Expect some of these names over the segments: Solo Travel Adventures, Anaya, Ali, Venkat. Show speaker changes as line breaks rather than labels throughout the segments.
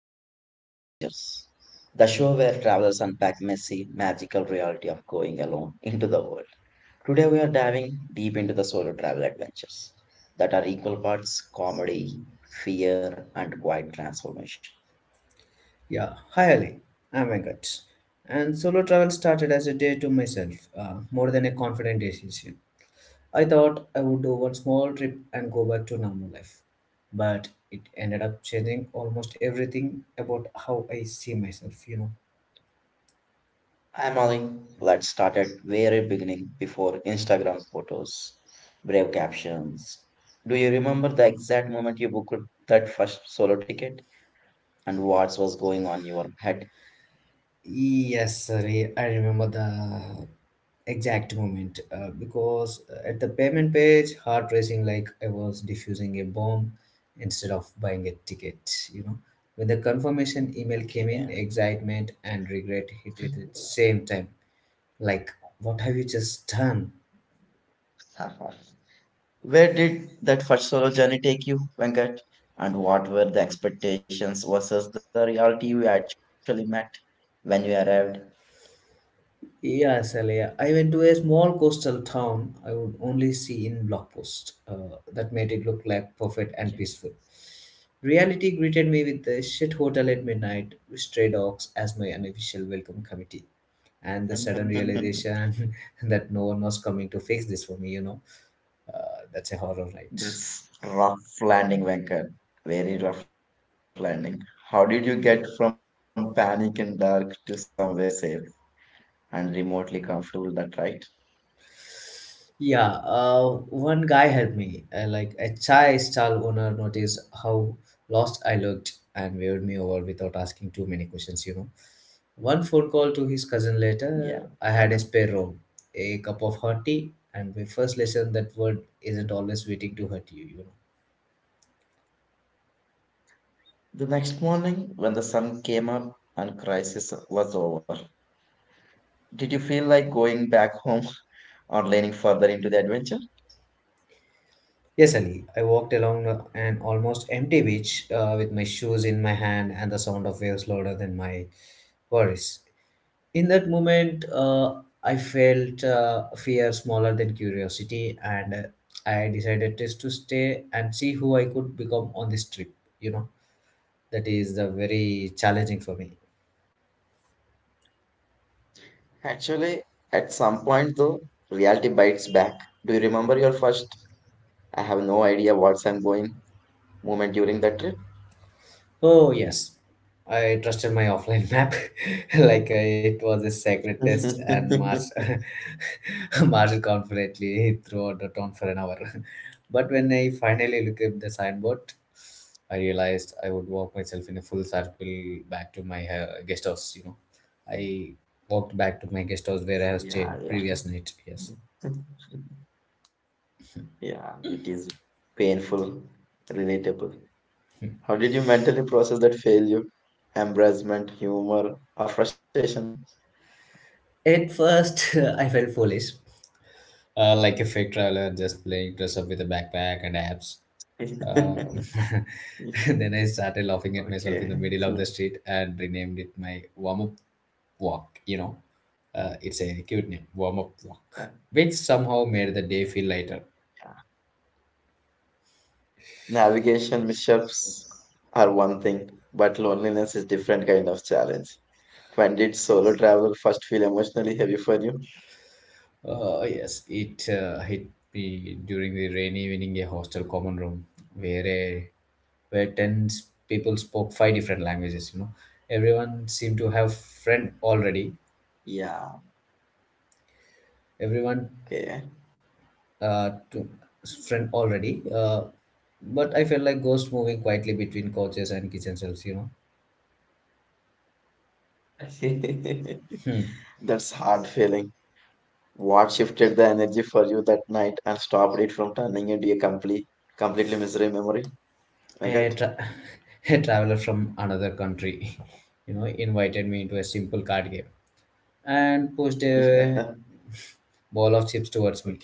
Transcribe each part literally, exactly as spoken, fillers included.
Solo Travel Adventures, the show where travelers unpack messy, magical reality of going alone into the world. Today we are diving deep into the solo travel adventures that are equal parts comedy, fear, and quiet transformation.
Yeah, hi Ali. I'm Venkat. And solo travel started as a day to myself, uh, more than a confident decision. I thought I would do one small trip and go back to normal life. But it ended up changing almost everything about how I see myself, you know.
I'm Ali. Let's start at very beginning before Instagram photos, brave captions. Do you remember the exact moment you booked that first solo ticket and what was going on in your head?
Yes, sir. I I remember the exact moment uh, because at the payment page, heart racing like I was diffusing a bomb instead of buying a ticket. You know, when the confirmation email came
Okay.
in, excitement and regret hit it at the same time. Like, what have you just done?
Where did that first solo journey take you, Venkat? And what were the expectations versus the reality you actually met when you arrived?
Yeah, Alea. I went to a small coastal town I would only see in blog posts. Uh, that made it look like perfect and peaceful. Reality greeted me with the shit hotel at midnight, with stray dogs as my unofficial welcome committee, and the sudden realization that no one was coming to fix this for me, you know. Uh, that's a horror, right?
That's rough landing, Venkat. Very rough landing. How did you get from panic and dark to somewhere safe and remotely comfortable? That right?
Yeah, uh, one guy helped me. Uh, like a chai stall owner noticed how lost I looked and waved me over without asking too many questions, you know. One phone call to his cousin
Yeah.
later, I
The
had a spare room, a cup of hot tea, and my first lesson that word isn't always waiting to hurt you, you know.
next morning, when the sun came up and crisis was over, did you feel like going back home or leaning further into the adventure?
Yes, Ali, I walked along a- an almost empty beach uh, with my shoes in my hand and the sound of waves louder than my worries. In that moment, uh, I felt uh, fear smaller than curiosity, and uh, I decided just to stay and see who I could become on this trip, you know. That is uh, very challenging for me.
Actually, at some point though, reality bites back. Do you remember your first, I have no idea what I'm going moment during the trip?
Oh, yes. I trusted my offline map like uh, it was a sacred test and marched, marched confidently throughout the town for an hour. But when I finally looked at the signboard, I realized I would walk myself in a full circle back to my uh, guest house, you know. I walked back to my guest house where
Yeah,
I have
yeah.
stayed previous night, yes.
Yeah, it is painful, relatable. How did you mentally process that failure, embarrassment, humor, or frustration?
At first, I felt foolish uh, like a fake traveler just playing dress up with a backpack and apps. Uh, then I started laughing at myself in the
Okay.
middle of the street and renamed it my warm up walk. You know, uh, it's a cute name, warm up walk, which somehow made the day feel lighter.
Navigation mishaps are one thing, but loneliness is different kind of challenge. When did solo travel first feel emotionally heavy for you?
Uh, yes, it uh, hit me during the rainy evening a hostel common room where a where ten s- people spoke five different languages, you know, everyone seemed to have friend
Yeah,
already.
okay.
everyone uh, to friend already. Uh, but I felt like ghosts moving quietly between couches and kitchen shelves. You know.
That's
Hmm.
hard feeling. What shifted the energy for you that night and stopped it from turning into a complete, completely misery memory? I
a,
got.
tra- a traveler from another country, you know, invited me into a simple card game
Yeah.
and pushed a ball
Okay.
of chips towards me.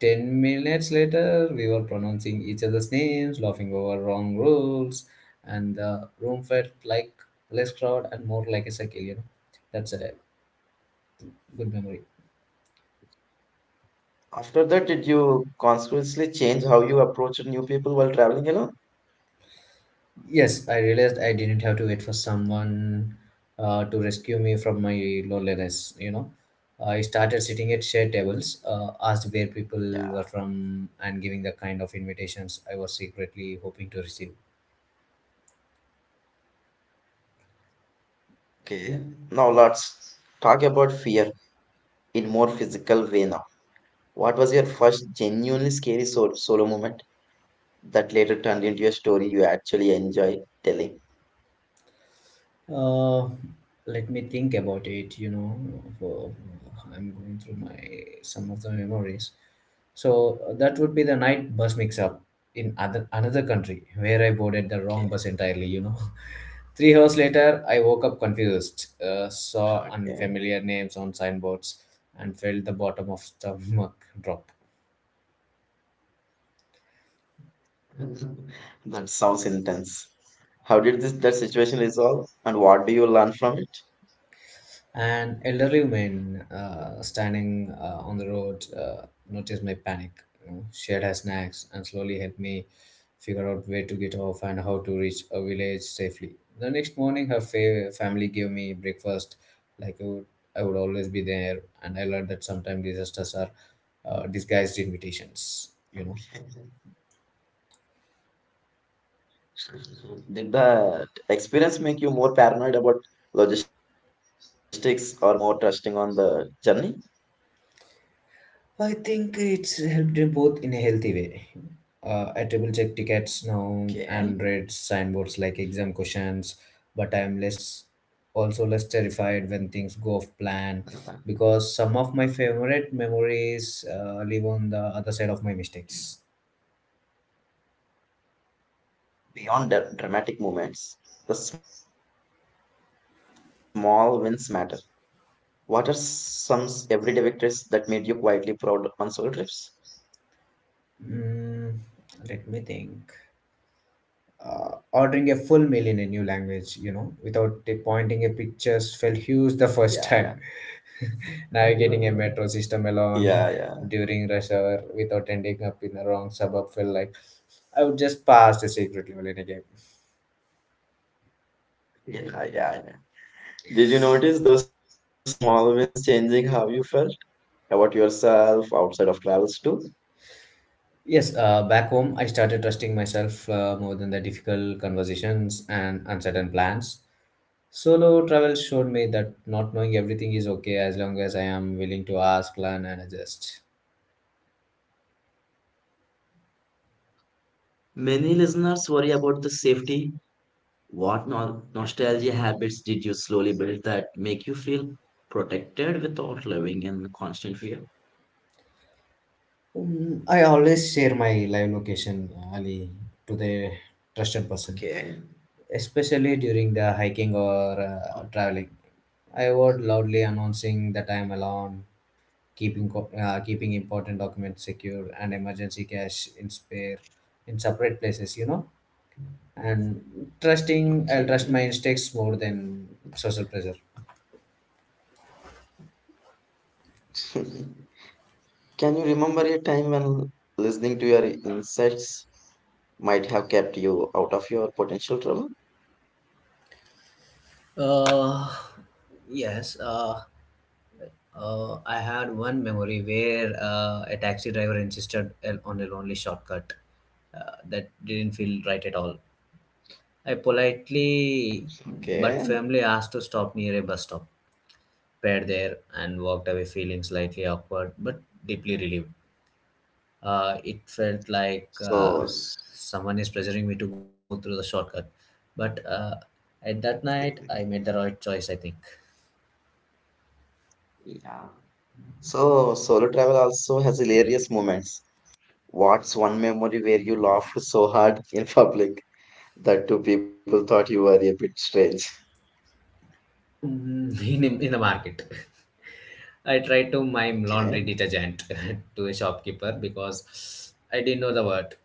Ten minutes later, we were pronouncing each other's names, laughing over wrong rules, and the room felt like less crowd and more like a circle. You know, that's a good memory.
After that, did you consciously change how you approach new people while traveling alone?
Yes, I realized I didn't have to wait for someone uh, to rescue me from my loneliness. You know, I started sitting at shared tables, uh, asked where
Yeah.
people were from, and giving the kind of invitations I was secretly hoping to receive.
Okay, now let's talk about fear in more physical way now. What was your first genuinely scary sol- solo moment that later turned into a story you actually enjoy telling?
Uh, Let me think about it. You know, for, I'm going through my some of the memories. So uh, that would be the night bus mix up in other another country where I boarded the wrong bus entirely. You know.
Okay,
Three hours later, I woke up confused, uh, saw
okay.
unfamiliar names on signboards, and felt the bottom of stomach drop.
That sounds intense. How did this that situation resolve and what do you learn from it?
An elderly woman uh, standing uh, on the road uh, noticed my panic. You know, shared her snacks and slowly helped me figure out where to get off and how to reach a village safely. The next morning, her fa- family gave me breakfast, like I would, I would always be there, and I learned that sometimes disasters are uh, disguised invitations. You know.
Did the experience make you more paranoid about logistics or more trusting on the journey?
I think it's helped in both in a healthy way. Uh, I triple check tickets now and read signboards like exam
Okay.
questions, but I'm less also less terrified when things go off plan because some of my favorite memories uh, live on the other side of my mistakes.
Beyond the dramatic moments, the small wins matter. What are some s- everyday victories that made you quietly proud on solo trips?
Mm, let me think. Uh, ordering a full meal in a new language, you know, without t- pointing a pictures felt huge the first time.
Yeah, yeah.
Navigating a metro system alone during rush
Yeah,
hour
yeah.
without ending up in the wrong suburb felt like I would just pass a secret level in a game.
Yeah, yeah, yeah. Did you notice those small wins changing how you felt about yourself outside of travels too?
Yes, uh, back home, I started trusting myself uh, more than the difficult conversations and uncertain plans. Solo travel showed me that not knowing everything is okay as long as I am willing to ask, learn, and adjust.
Many listeners worry about the safety. What no- nostalgia habits did you slowly build that make you feel protected without living in constant fear?
Mm, I always share my live location, Ali, to the trusted person,
Okay.
especially during the hiking or uh, traveling. I would loudly announcing that I am alone, keeping co- uh, keeping important documents secure and emergency cash in spare in separate places, you know. And trusting, I'll trust my
Okay.
instincts more than social pressure.
Can you remember a time when listening to your insights might have kept you out of your potential trouble?
Uh, yes. Uh, Uh, I had one memory where uh, a taxi driver insisted el- on a lonely shortcut uh, that didn't feel right at all. I politely
Okay.
but firmly asked to stop near a bus stop, paid there, and walked away feeling slightly awkward but deeply relieved. Uh, it felt like
So,
uh,
s-
someone is pressuring me to go through the shortcut, but uh, at that night I made the right choice, I think.
yeah. So, solo travel also has hilarious moments. What's one memory where you laughed so hard in public that two people thought you were a bit strange?
Mm, in, in the market. I tried to mime laundry
Okay.
detergent to a shopkeeper because I didn't know the word.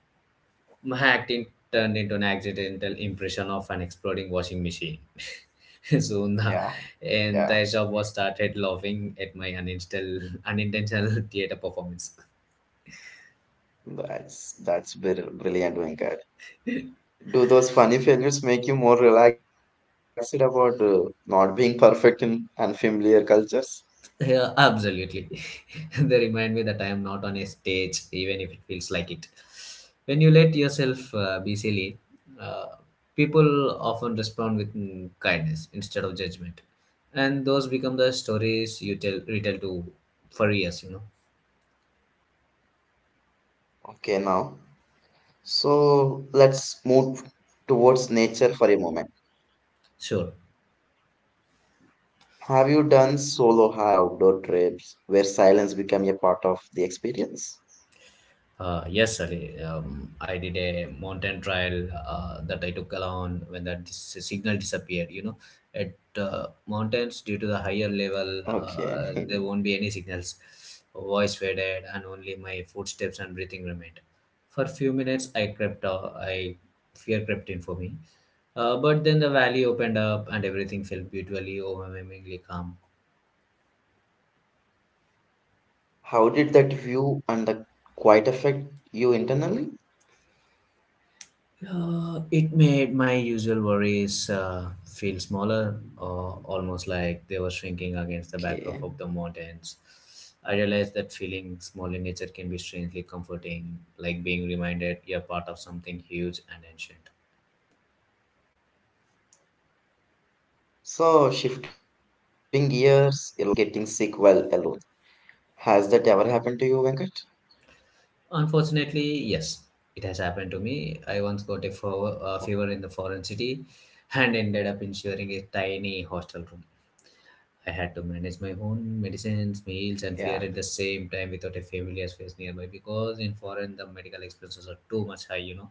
My acting turned into an accidental impression of an exploding washing machine. Soon the
Yeah, yeah.
entire shop was started laughing at my unintentional, unintentional theater performance.
That's that's br- brilliant, Venkat. Do those funny failures make you more relaxed about uh, not being perfect in unfamiliar cultures?
Yeah, absolutely. They remind me that I am not on a stage, even if it feels like it. When you let yourself uh, be silly, uh, people often respond with mm, kindness instead of judgment, and those become the stories you tell retell to for years. You know,
Okay, now. So let's move towards nature for a moment.
sure.
Have you done solo hikes or outdoor trips where silence became a part of the experience?
Uh, yes, Ali. Um, I did a mountain trial. Uh, that I took along when that dis- signal disappeared. You know, at uh, mountains, due to the higher level,
Okay.
uh, there won't be any signals. Voice faded, and only my footsteps and breathing remained. For a few minutes, I crept. Uh, I fear crept in for me, uh, but then the valley opened up, and everything felt beautifully, overwhelmingly calm.
How did that view and the quiet affect you internally?
Uh, it made my usual worries uh, feel smaller, uh, almost like they were shrinking against the backdrop of the
Okay.
mountains. I realized that feeling small in nature can be strangely comforting, like being reminded you're part of something huge and ancient.
So, shifting gears, a lot of people fear getting sick while alone. Has that ever happened to you, Venkat?
Unfortunately, yes, it has happened to me. I once got a fever, uh, fever in the foreign city and ended up insuring a tiny hostel room. I had to manage my own medicines,
Yeah,
meals, and fear at the same time without a familiar's face nearby because in foreign the medical expenses are too much high, you know,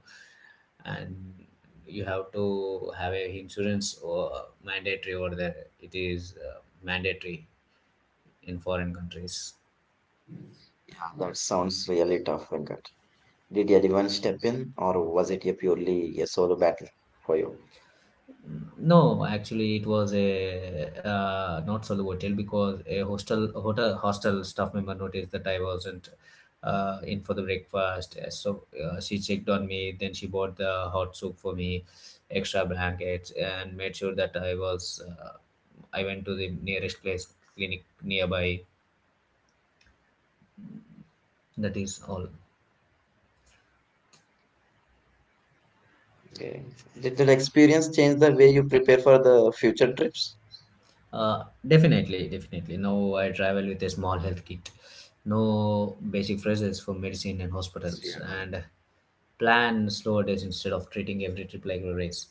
and you have to have a insurance or mandatory over there. It is uh, mandatory in foreign countries.
yeah, that sounds really tough, Venkat. Did anyone step in, or was it a purely a solo battle for you?
No, actually, it was a uh, not solo hotel because a hostel hotel hostel staff member noticed that I wasn't uh, in for the breakfast. Uh, So uh, she checked on me. Then she bought the hot soup for me, extra blankets, and made sure that I was. Uh, I went to the nearest place clinic nearby. That is all.
Okay. Did that experience change the way you prepare for the future trips?
Uh, definitely, definitely. Now I travel with a small health kit, no basic phrases for medicine and hospitals,
Yeah.
and plan slower days instead of treating every trip like a race.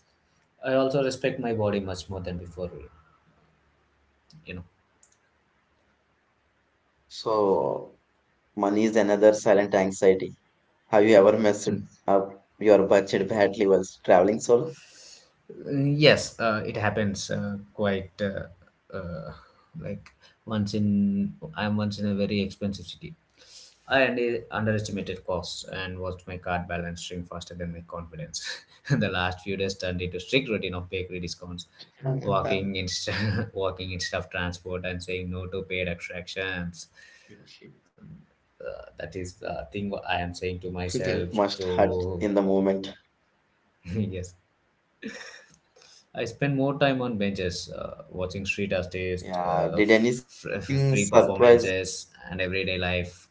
I also respect my body much more than before, you know.
So, money is another silent anxiety. Have you ever messed up your budget badly whilst traveling solo?
Mm, yes, uh, it happens uh, quite uh, uh, like once in I'm once in a very expensive city. I under- underestimated costs and watched my card balance shrink faster than my confidence. The last few days turned into strict routine of bakery discounts,
Mhm.
walking in, walking instead of transport, and saying no to paid attractions. That is the thing what I am saying to
That must
myself.
hurt in the
So
moment.
yes, I spend more time on benches, uh,
Yeah. Did
watching street
anything
artists, uh,
surprise?
f- f- free performances, and everyday life.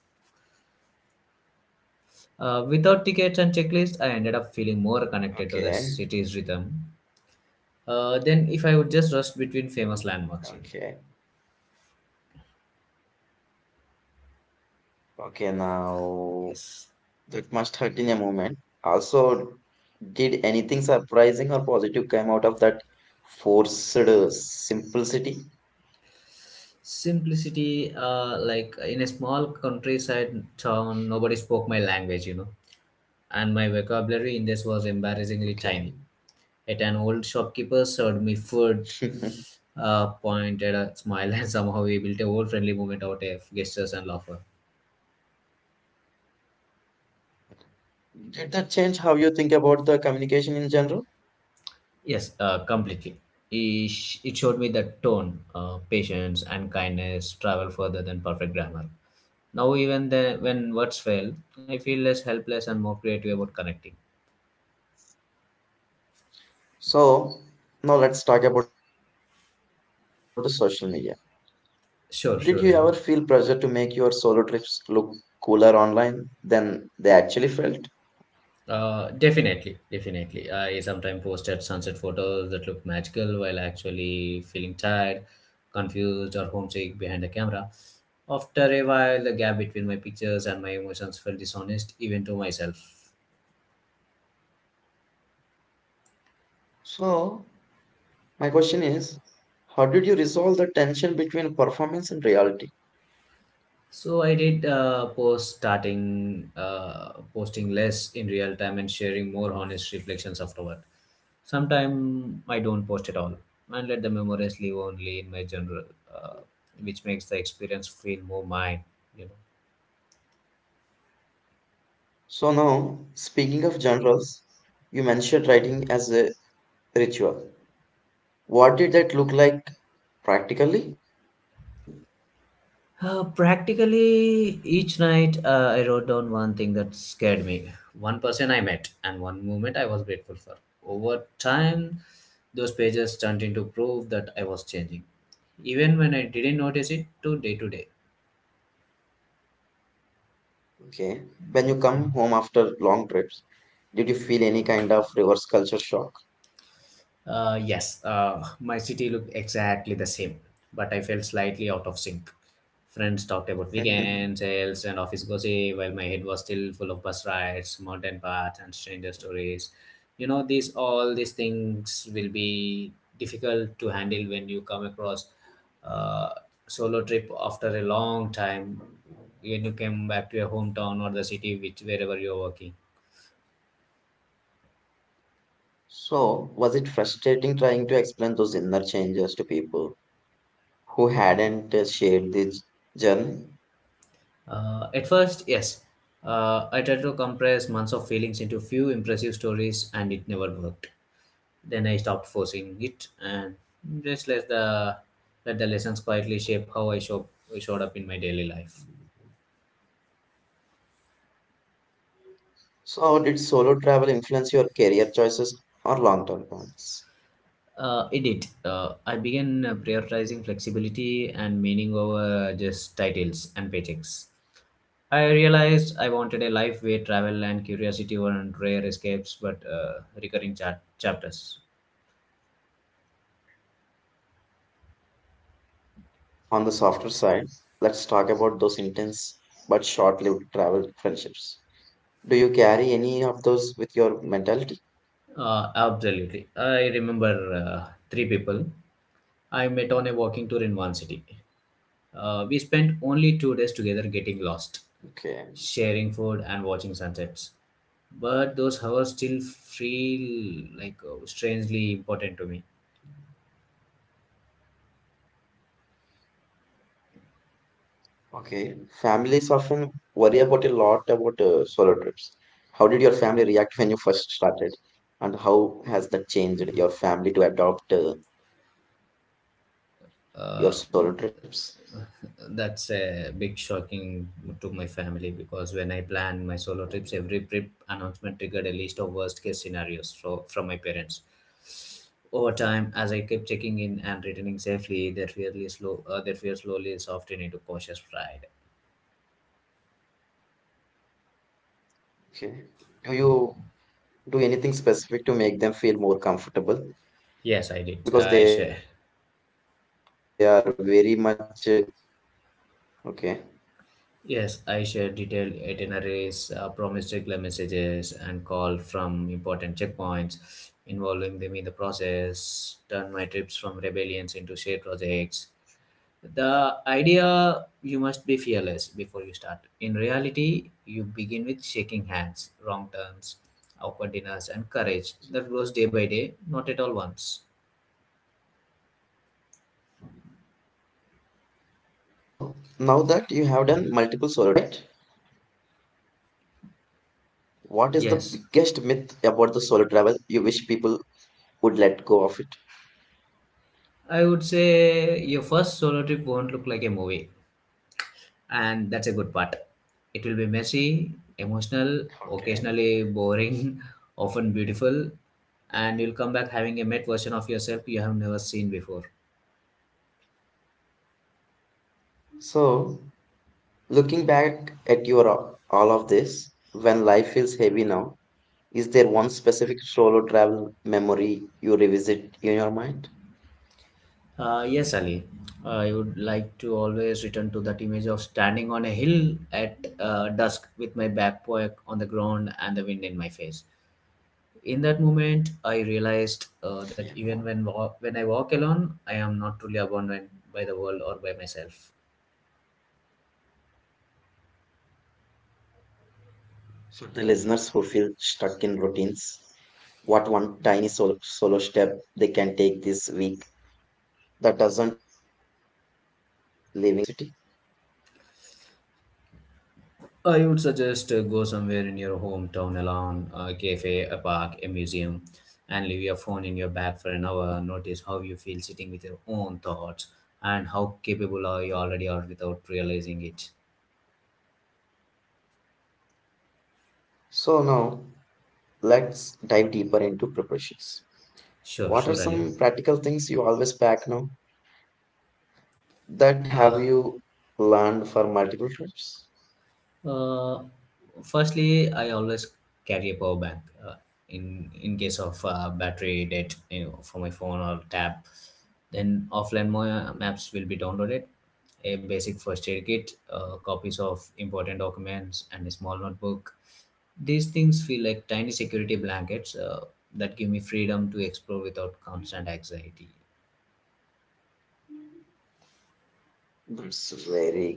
Uh, without tickets and checklists, I ended up feeling more
Okay.
connected to the city's rhythm Uh, then if I would just rush between famous
Okay.
landmarks, you know.
Okay, now that
Yes.
must hurt in a moment. Also, did anything surprising or positive come out of that forced uh, simplicity?
Simplicity, uh, like in a small countryside town, nobody spoke my language, you know, and my vocabulary in this was embarrassingly
Okay.
tiny. Yet an old shopkeeper served me food, uh, pointed a smile, and somehow we built a whole friendly moment out of gestures and laughter.
Did that change how you think about the communication in general?
Yes, uh, completely. It sh- it showed me that tone, uh, patience, and kindness travel further than perfect grammar. Now, even then, when words fail, I feel less helpless and more creative about connecting.
So, now let's talk about the social media. Did you ever feel
Sure,
pressure to
surely.
make your solo trips look cooler online than they actually felt?
Uh, definitely, definitely. I sometimes posted sunset photos that look magical while actually feeling tired, confused, or homesick behind the camera. After a while, the gap between my pictures and my emotions felt dishonest, even to myself.
So, my question is, how did you resolve the tension between performance and reality?
So I did uh, post starting uh, posting less in real time and sharing more honest reflections afterward. Sometime I don't post at all and let the memories live only in my general, uh, which makes the experience feel more mine, you know.
So, now speaking of genres, you mentioned writing as a ritual. What did that look like practically?
Uh, practically each night, uh, I wrote down one thing that scared me, one person I met, and one moment I was grateful for. Over time, those pages turned into proof that I was changing, even when I didn't notice it to day to day.
Okay. When you come home after long trips, did you feel any kind of reverse culture shock?
Uh, yes, uh, my city looked exactly the same, but I felt slightly out of sync. Friends talked about weekends, sales, and office gossip, while my head was still full of bus rides, mountain paths, and stranger stories. You know, these all these things will be difficult to handle when you come across a solo trip after a long time when you came back to your hometown or the city, which wherever you're working.
So, was it frustrating trying to explain those inner changes to people who hadn't uh, shared this journey?
Uh, at first, yes. Uh, I tried to compress months of feelings into few impressive stories and it never worked. Then I stopped forcing it and just let the, let the lessons quietly shape how I show, showed up in my daily life.
So, how did solo travel influence your career choices or long term plans?
Uh, it did. Uh, I began uh, prioritizing flexibility and meaning over just titles and paychecks. I realized I wanted a life where travel and curiosity were rare escapes but uh, recurring cha- chapters.
On the softer side, let's talk about those intense but short lived travel friendships. Do you carry any of those with your mentality?
Uh, absolutely. I remember uh, three people I met on a walking tour in one city. Uh, we spent only two days together getting lost,
Okay,
sharing food and watching sunsets. But those hours still feel like uh, strangely important to me.
okay. Families often worry about a lot about uh, solo trips. How did your family react when you first started, and how has that changed your family to adopt uh, your solo
Uh,
trips?
that's a big shocking to my family because when I planned my solo trips, every trip announcement triggered a list of worst case scenarios fro- from my parents. Over time, as I kept checking in and returning safely, that fearly slow, uh, that fear slowly softened into cautious pride.
Okay. Do you do anything specific to make them feel more comfortable
Yes, I did. I share.
because they are very much uh, okay?
Yes, I shared detailed itineraries, uh, promised regular messages, and called from important checkpoints, involving them in the process. Turned my trips from rebellions into shared projects. The idea you must be fearless before you start. In reality, you begin with shaking hands, wrong turns, awkward dinners, and courage that grows day by day, not at all once.
So now that you have done multiple solo trips right,
Yes,
what is the biggest myth about the solo travel you wish people would let go of it?
I would say your first solo trip won't look like a movie, and that's a good part. It will be messy, emotional, occasionally
Okay,
boring, often beautiful, and you'll come back having a met version of yourself you have never seen before.
so looking back at your all of this, when life feels heavy now, is there one specific solo travel memory you revisit in your mind?
Uh, yes, Ali. Uh, I would like to always return to that image of standing on a hill at uh, dusk with my backpack on the ground and the wind in my face. In that moment, I
Yeah.
realized uh, that even when wa- when I walk alone, I am not truly abandoned by the world or by myself.
The listeners who feel stuck in routines, what one tiny solo, solo step they can take this week that doesn't even involve leaving their city?
I would suggest uh, go somewhere in your hometown alone, a cafe, a park, a museum, and leave your phone in your bag for an hour. Notice how you feel sitting with your own thoughts and how capable are you already are without realizing it.
So, now let's dive deeper into preparations. What are some
Sure, sure,
practical
Ali.
things you always pack now that have you
Uh,
learned for multiple trips?
Uh, firstly, I always carry a power bank uh, in in case of uh, battery dead, you know, for my phone or tab. Then offline mo- maps will be downloaded, a basic first aid kit, uh, copies of important documents, and a small notebook. These things feel like tiny security blankets uh, that give me freedom to explore without constant anxiety.
That's a very good answer.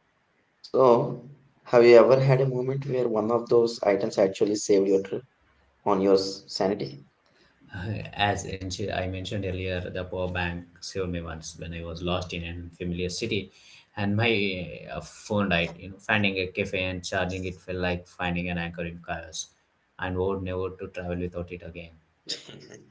So, have you ever had a moment where one of those items actually saved your trip on your s- sanity?
As in- I mentioned earlier, the power bank saved me once when I was lost in an unfamiliar city, and my uh, phone died. You know, finding a cafe and charging it felt like finding an anchor in chaos, and vowed never to travel without it again.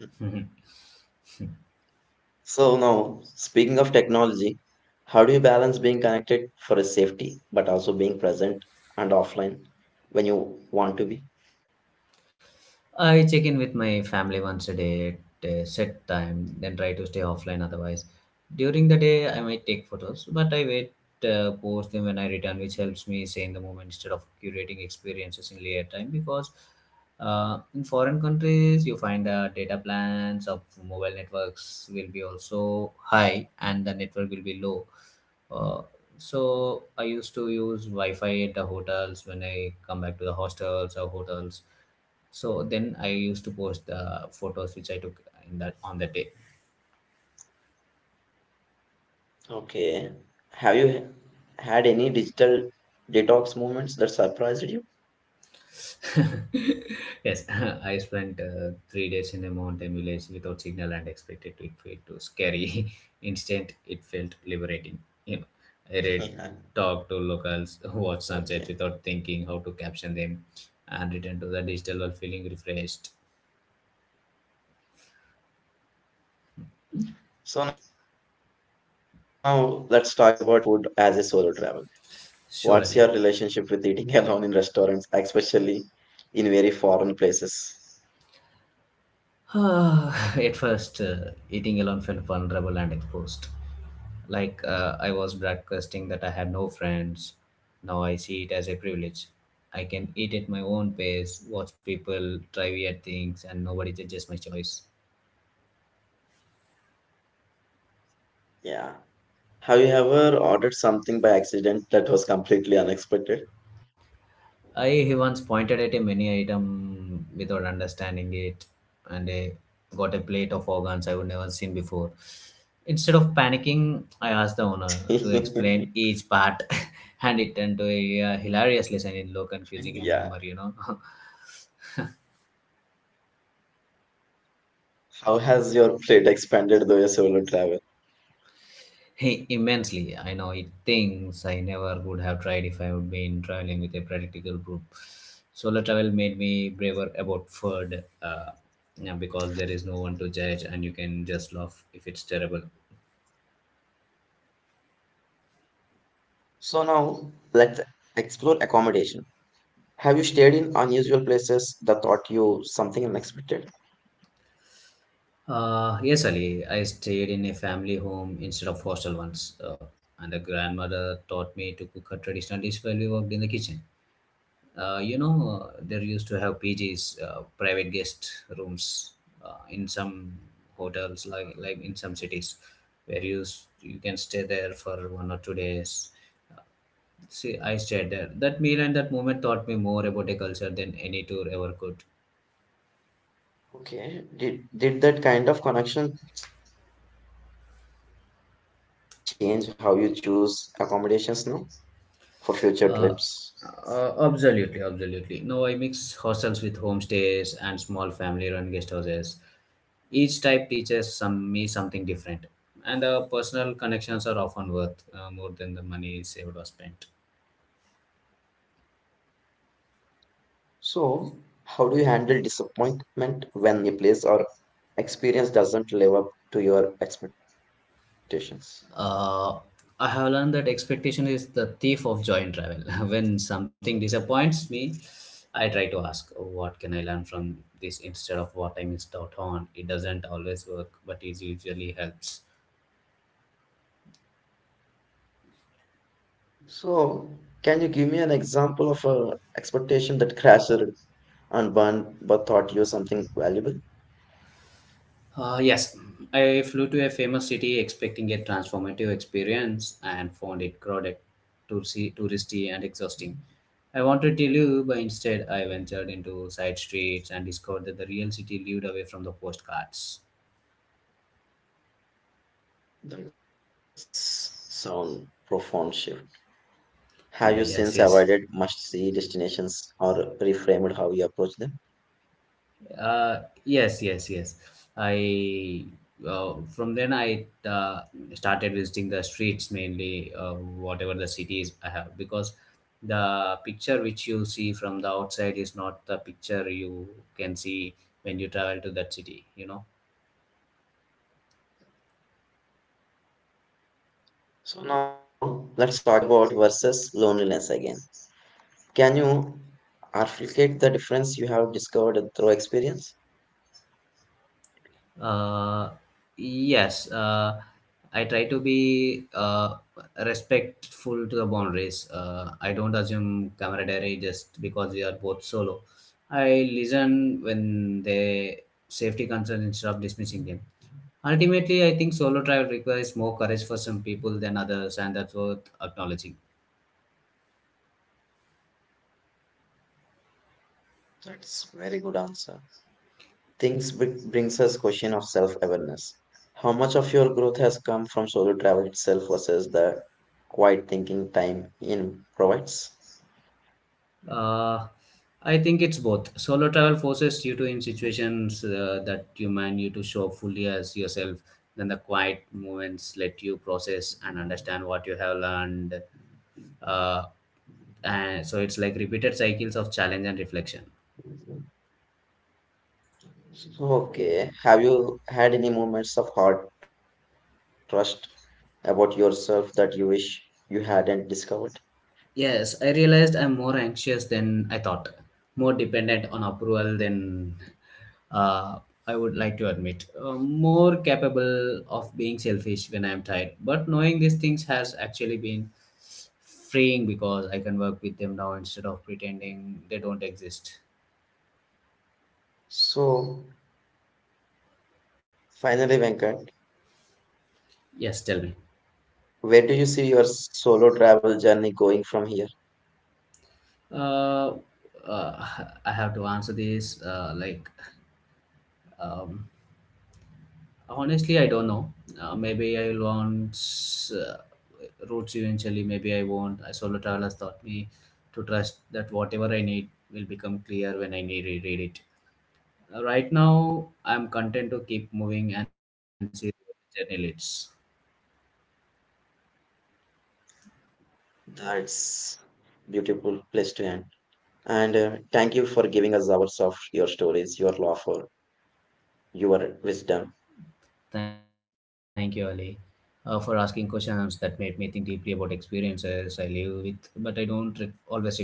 So now, speaking of technology, how do you balance being connected for a safety, but also being present and offline when you want to be?
I check in with my family once a day at a set time, then try to stay offline otherwise. During the day, I might take photos, but I wait, uh, post them when I return, which helps me stay in the moment instead of curating experiences in later time. Because uh, in foreign countries, you find the data plans of mobile networks will be also high and the network will be low. Uh, so I used to use Wi-Fi at the hotels when I come back to the hostels or hotels so then I used to post the photos which I took in that on that day.
Okay. Have you h- had any digital detox movements that surprised you?
Yes, I spent uh, three days in a mountain village without signal and expected it to it too scary. Instant, it felt liberating. You know, I read,
Yeah.
talked to locals, watched sunsets without thinking
Okay.
how to caption them, and returned to the digital world feeling refreshed.
So now let's talk about food as a solo travel. What's
Surely.
your relationship with eating alone in restaurants, especially in very foreign places?
At first, uh, eating alone felt vulnerable and exposed. Like uh, I was broadcasting that I had no friends. Now I see it as a privilege. I can eat at my own pace, watch people try weird things, and nobody judges my choice.
Yeah. Have you ever ordered something by accident that was completely unexpected?
I once pointed at a menu item without understanding it, and I got a plate of organs I would never seen before. Instead of panicking, I asked the owner to explain each part, and it turned to a uh, hilarious lesson in local cuisine and
Yeah.
humor. You know,
How has your plate expanded though your solo travel?
hey, immensely. I know it things I never would have tried if I would been traveling with a practical group. Solo travel made me braver about food, uh, yeah, because there is no one to judge and you can just laugh if it's terrible.
So now let's explore accommodation. Have you stayed in unusual places that taught you something unexpected?
Uh, yes, Ali, I stayed in a family home instead of hostel once, uh, and the grandmother taught me to cook a traditional dish while we worked in the kitchen. Uh, you know, uh, there used to have P Gs, uh, private guest rooms, uh, in some hotels, like like in some cities, where you s- you can stay there for one or two days. See, I stayed there. That meal and that moment taught me more about a culture than any tour ever could.
Okay. Did did that kind of connection change how you choose accommodations now for future trips?
Uh, uh, absolutely, absolutely. No, I mix hostels with homestays and small family-run guest houses. Each type teaches some me something different, and the personal connections are often worth uh, more than the money saved or spent.
So, how do you handle disappointment when a place or experience doesn't live up to your expectations?
Uh, I have learned that expectation is the thief of joy in travel. When something disappoints me, I try to ask, what can I learn from this instead of what I missed out on? It doesn't always work, but it usually helps.
So, can you give me an example of a expectation that crashed and burned but taught you something valuable?
Uh, yes, I flew to a famous city expecting a transformative experience and found it crowded, touristy, touristy and exhausting. I wanted to leave, but instead I ventured into side streets and discovered that the real city lived away from the postcards.
That's sound profound shift. Have
Yeah,
you
yes,
since
yes.
avoided must-see destinations or reframed how you approach them?
Uh, yes, yes, yes. I uh, from then I uh, started visiting the streets mainly, uh, whatever the cities I have, because the picture which you see from the outside is not the picture you can see when you travel to that city. You know.
So now let's talk about solitude versus loneliness again. Can you articulate the difference you have discovered through experience?
Uh, yes, uh, I try to be uh, respectful to the boundaries. Uh, I don't assume camaraderie just because we are both solo. I listen when they safety concerns instead of dismissing them. Ultimately, I think solo travel requires more courage for some people than others, and that's worth acknowledging.
That's very good answer. Things br- brings us question of self-awareness. How much of your growth has come from solo travel itself versus the quiet thinking time in provides?
Uh, I think it's both. Solo travel forces you to in situations uh, that demand you to show fully as yourself. Then the quiet moments let you process and understand what you have learned. Uh, and so it's like repeated cycles of challenge and reflection.
Okay. Have you had any moments of hard trust about yourself that you wish you hadn't discovered?
Yes, I realized I'm more anxious than I thought, more dependent on approval than uh, I would like to admit. Uh, more capable of being selfish when I'm tired. But knowing these things has actually been freeing because I can work with them now instead of pretending they don't exist.
So, finally, Venkat,
Yes, tell me.
where do you see your solo travel journey going from here?
Uh, uh, I have to answer this. Uh, like, um, Honestly, I don't know. Uh, maybe I will want uh, roots eventually. Maybe I won't. I solo travel has taught me to trust that whatever I need will become clear when I need reread it. Uh, right now, I'm content to keep moving and see where the journey leads.
That's beautiful place to end. And uh, thank you for giving us hours of your stories, your laughter, your wisdom.
Thank you, Ali, uh, for asking questions that made me think deeply about experiences I live with, but I don't re- always reflect on.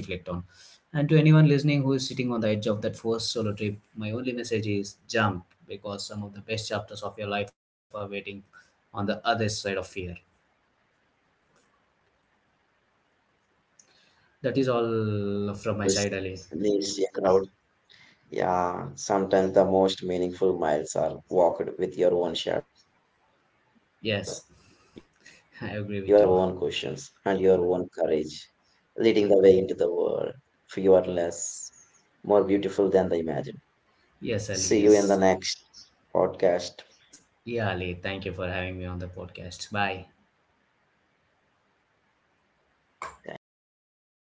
And to anyone listening who is sitting on the edge of that first solo trip, my only message is jump because some of the best chapters of your life are waiting on the other side of fear.
And remember,
That is
listeners, the road doesn't
all from my
always
side, Ali.
need a crowd. Yeah, sometimes the most meaningful miles are walked with your own shadow, your own questions,
Yes,
and your own courage,
I agree with you.
leading the way into the world, fearless more beautiful than they imagine. See you in the next podcast.
Yes, Ali, yes. Yeah, Ali, thank you for having me on the podcast. Bye.
Thank you. Bye.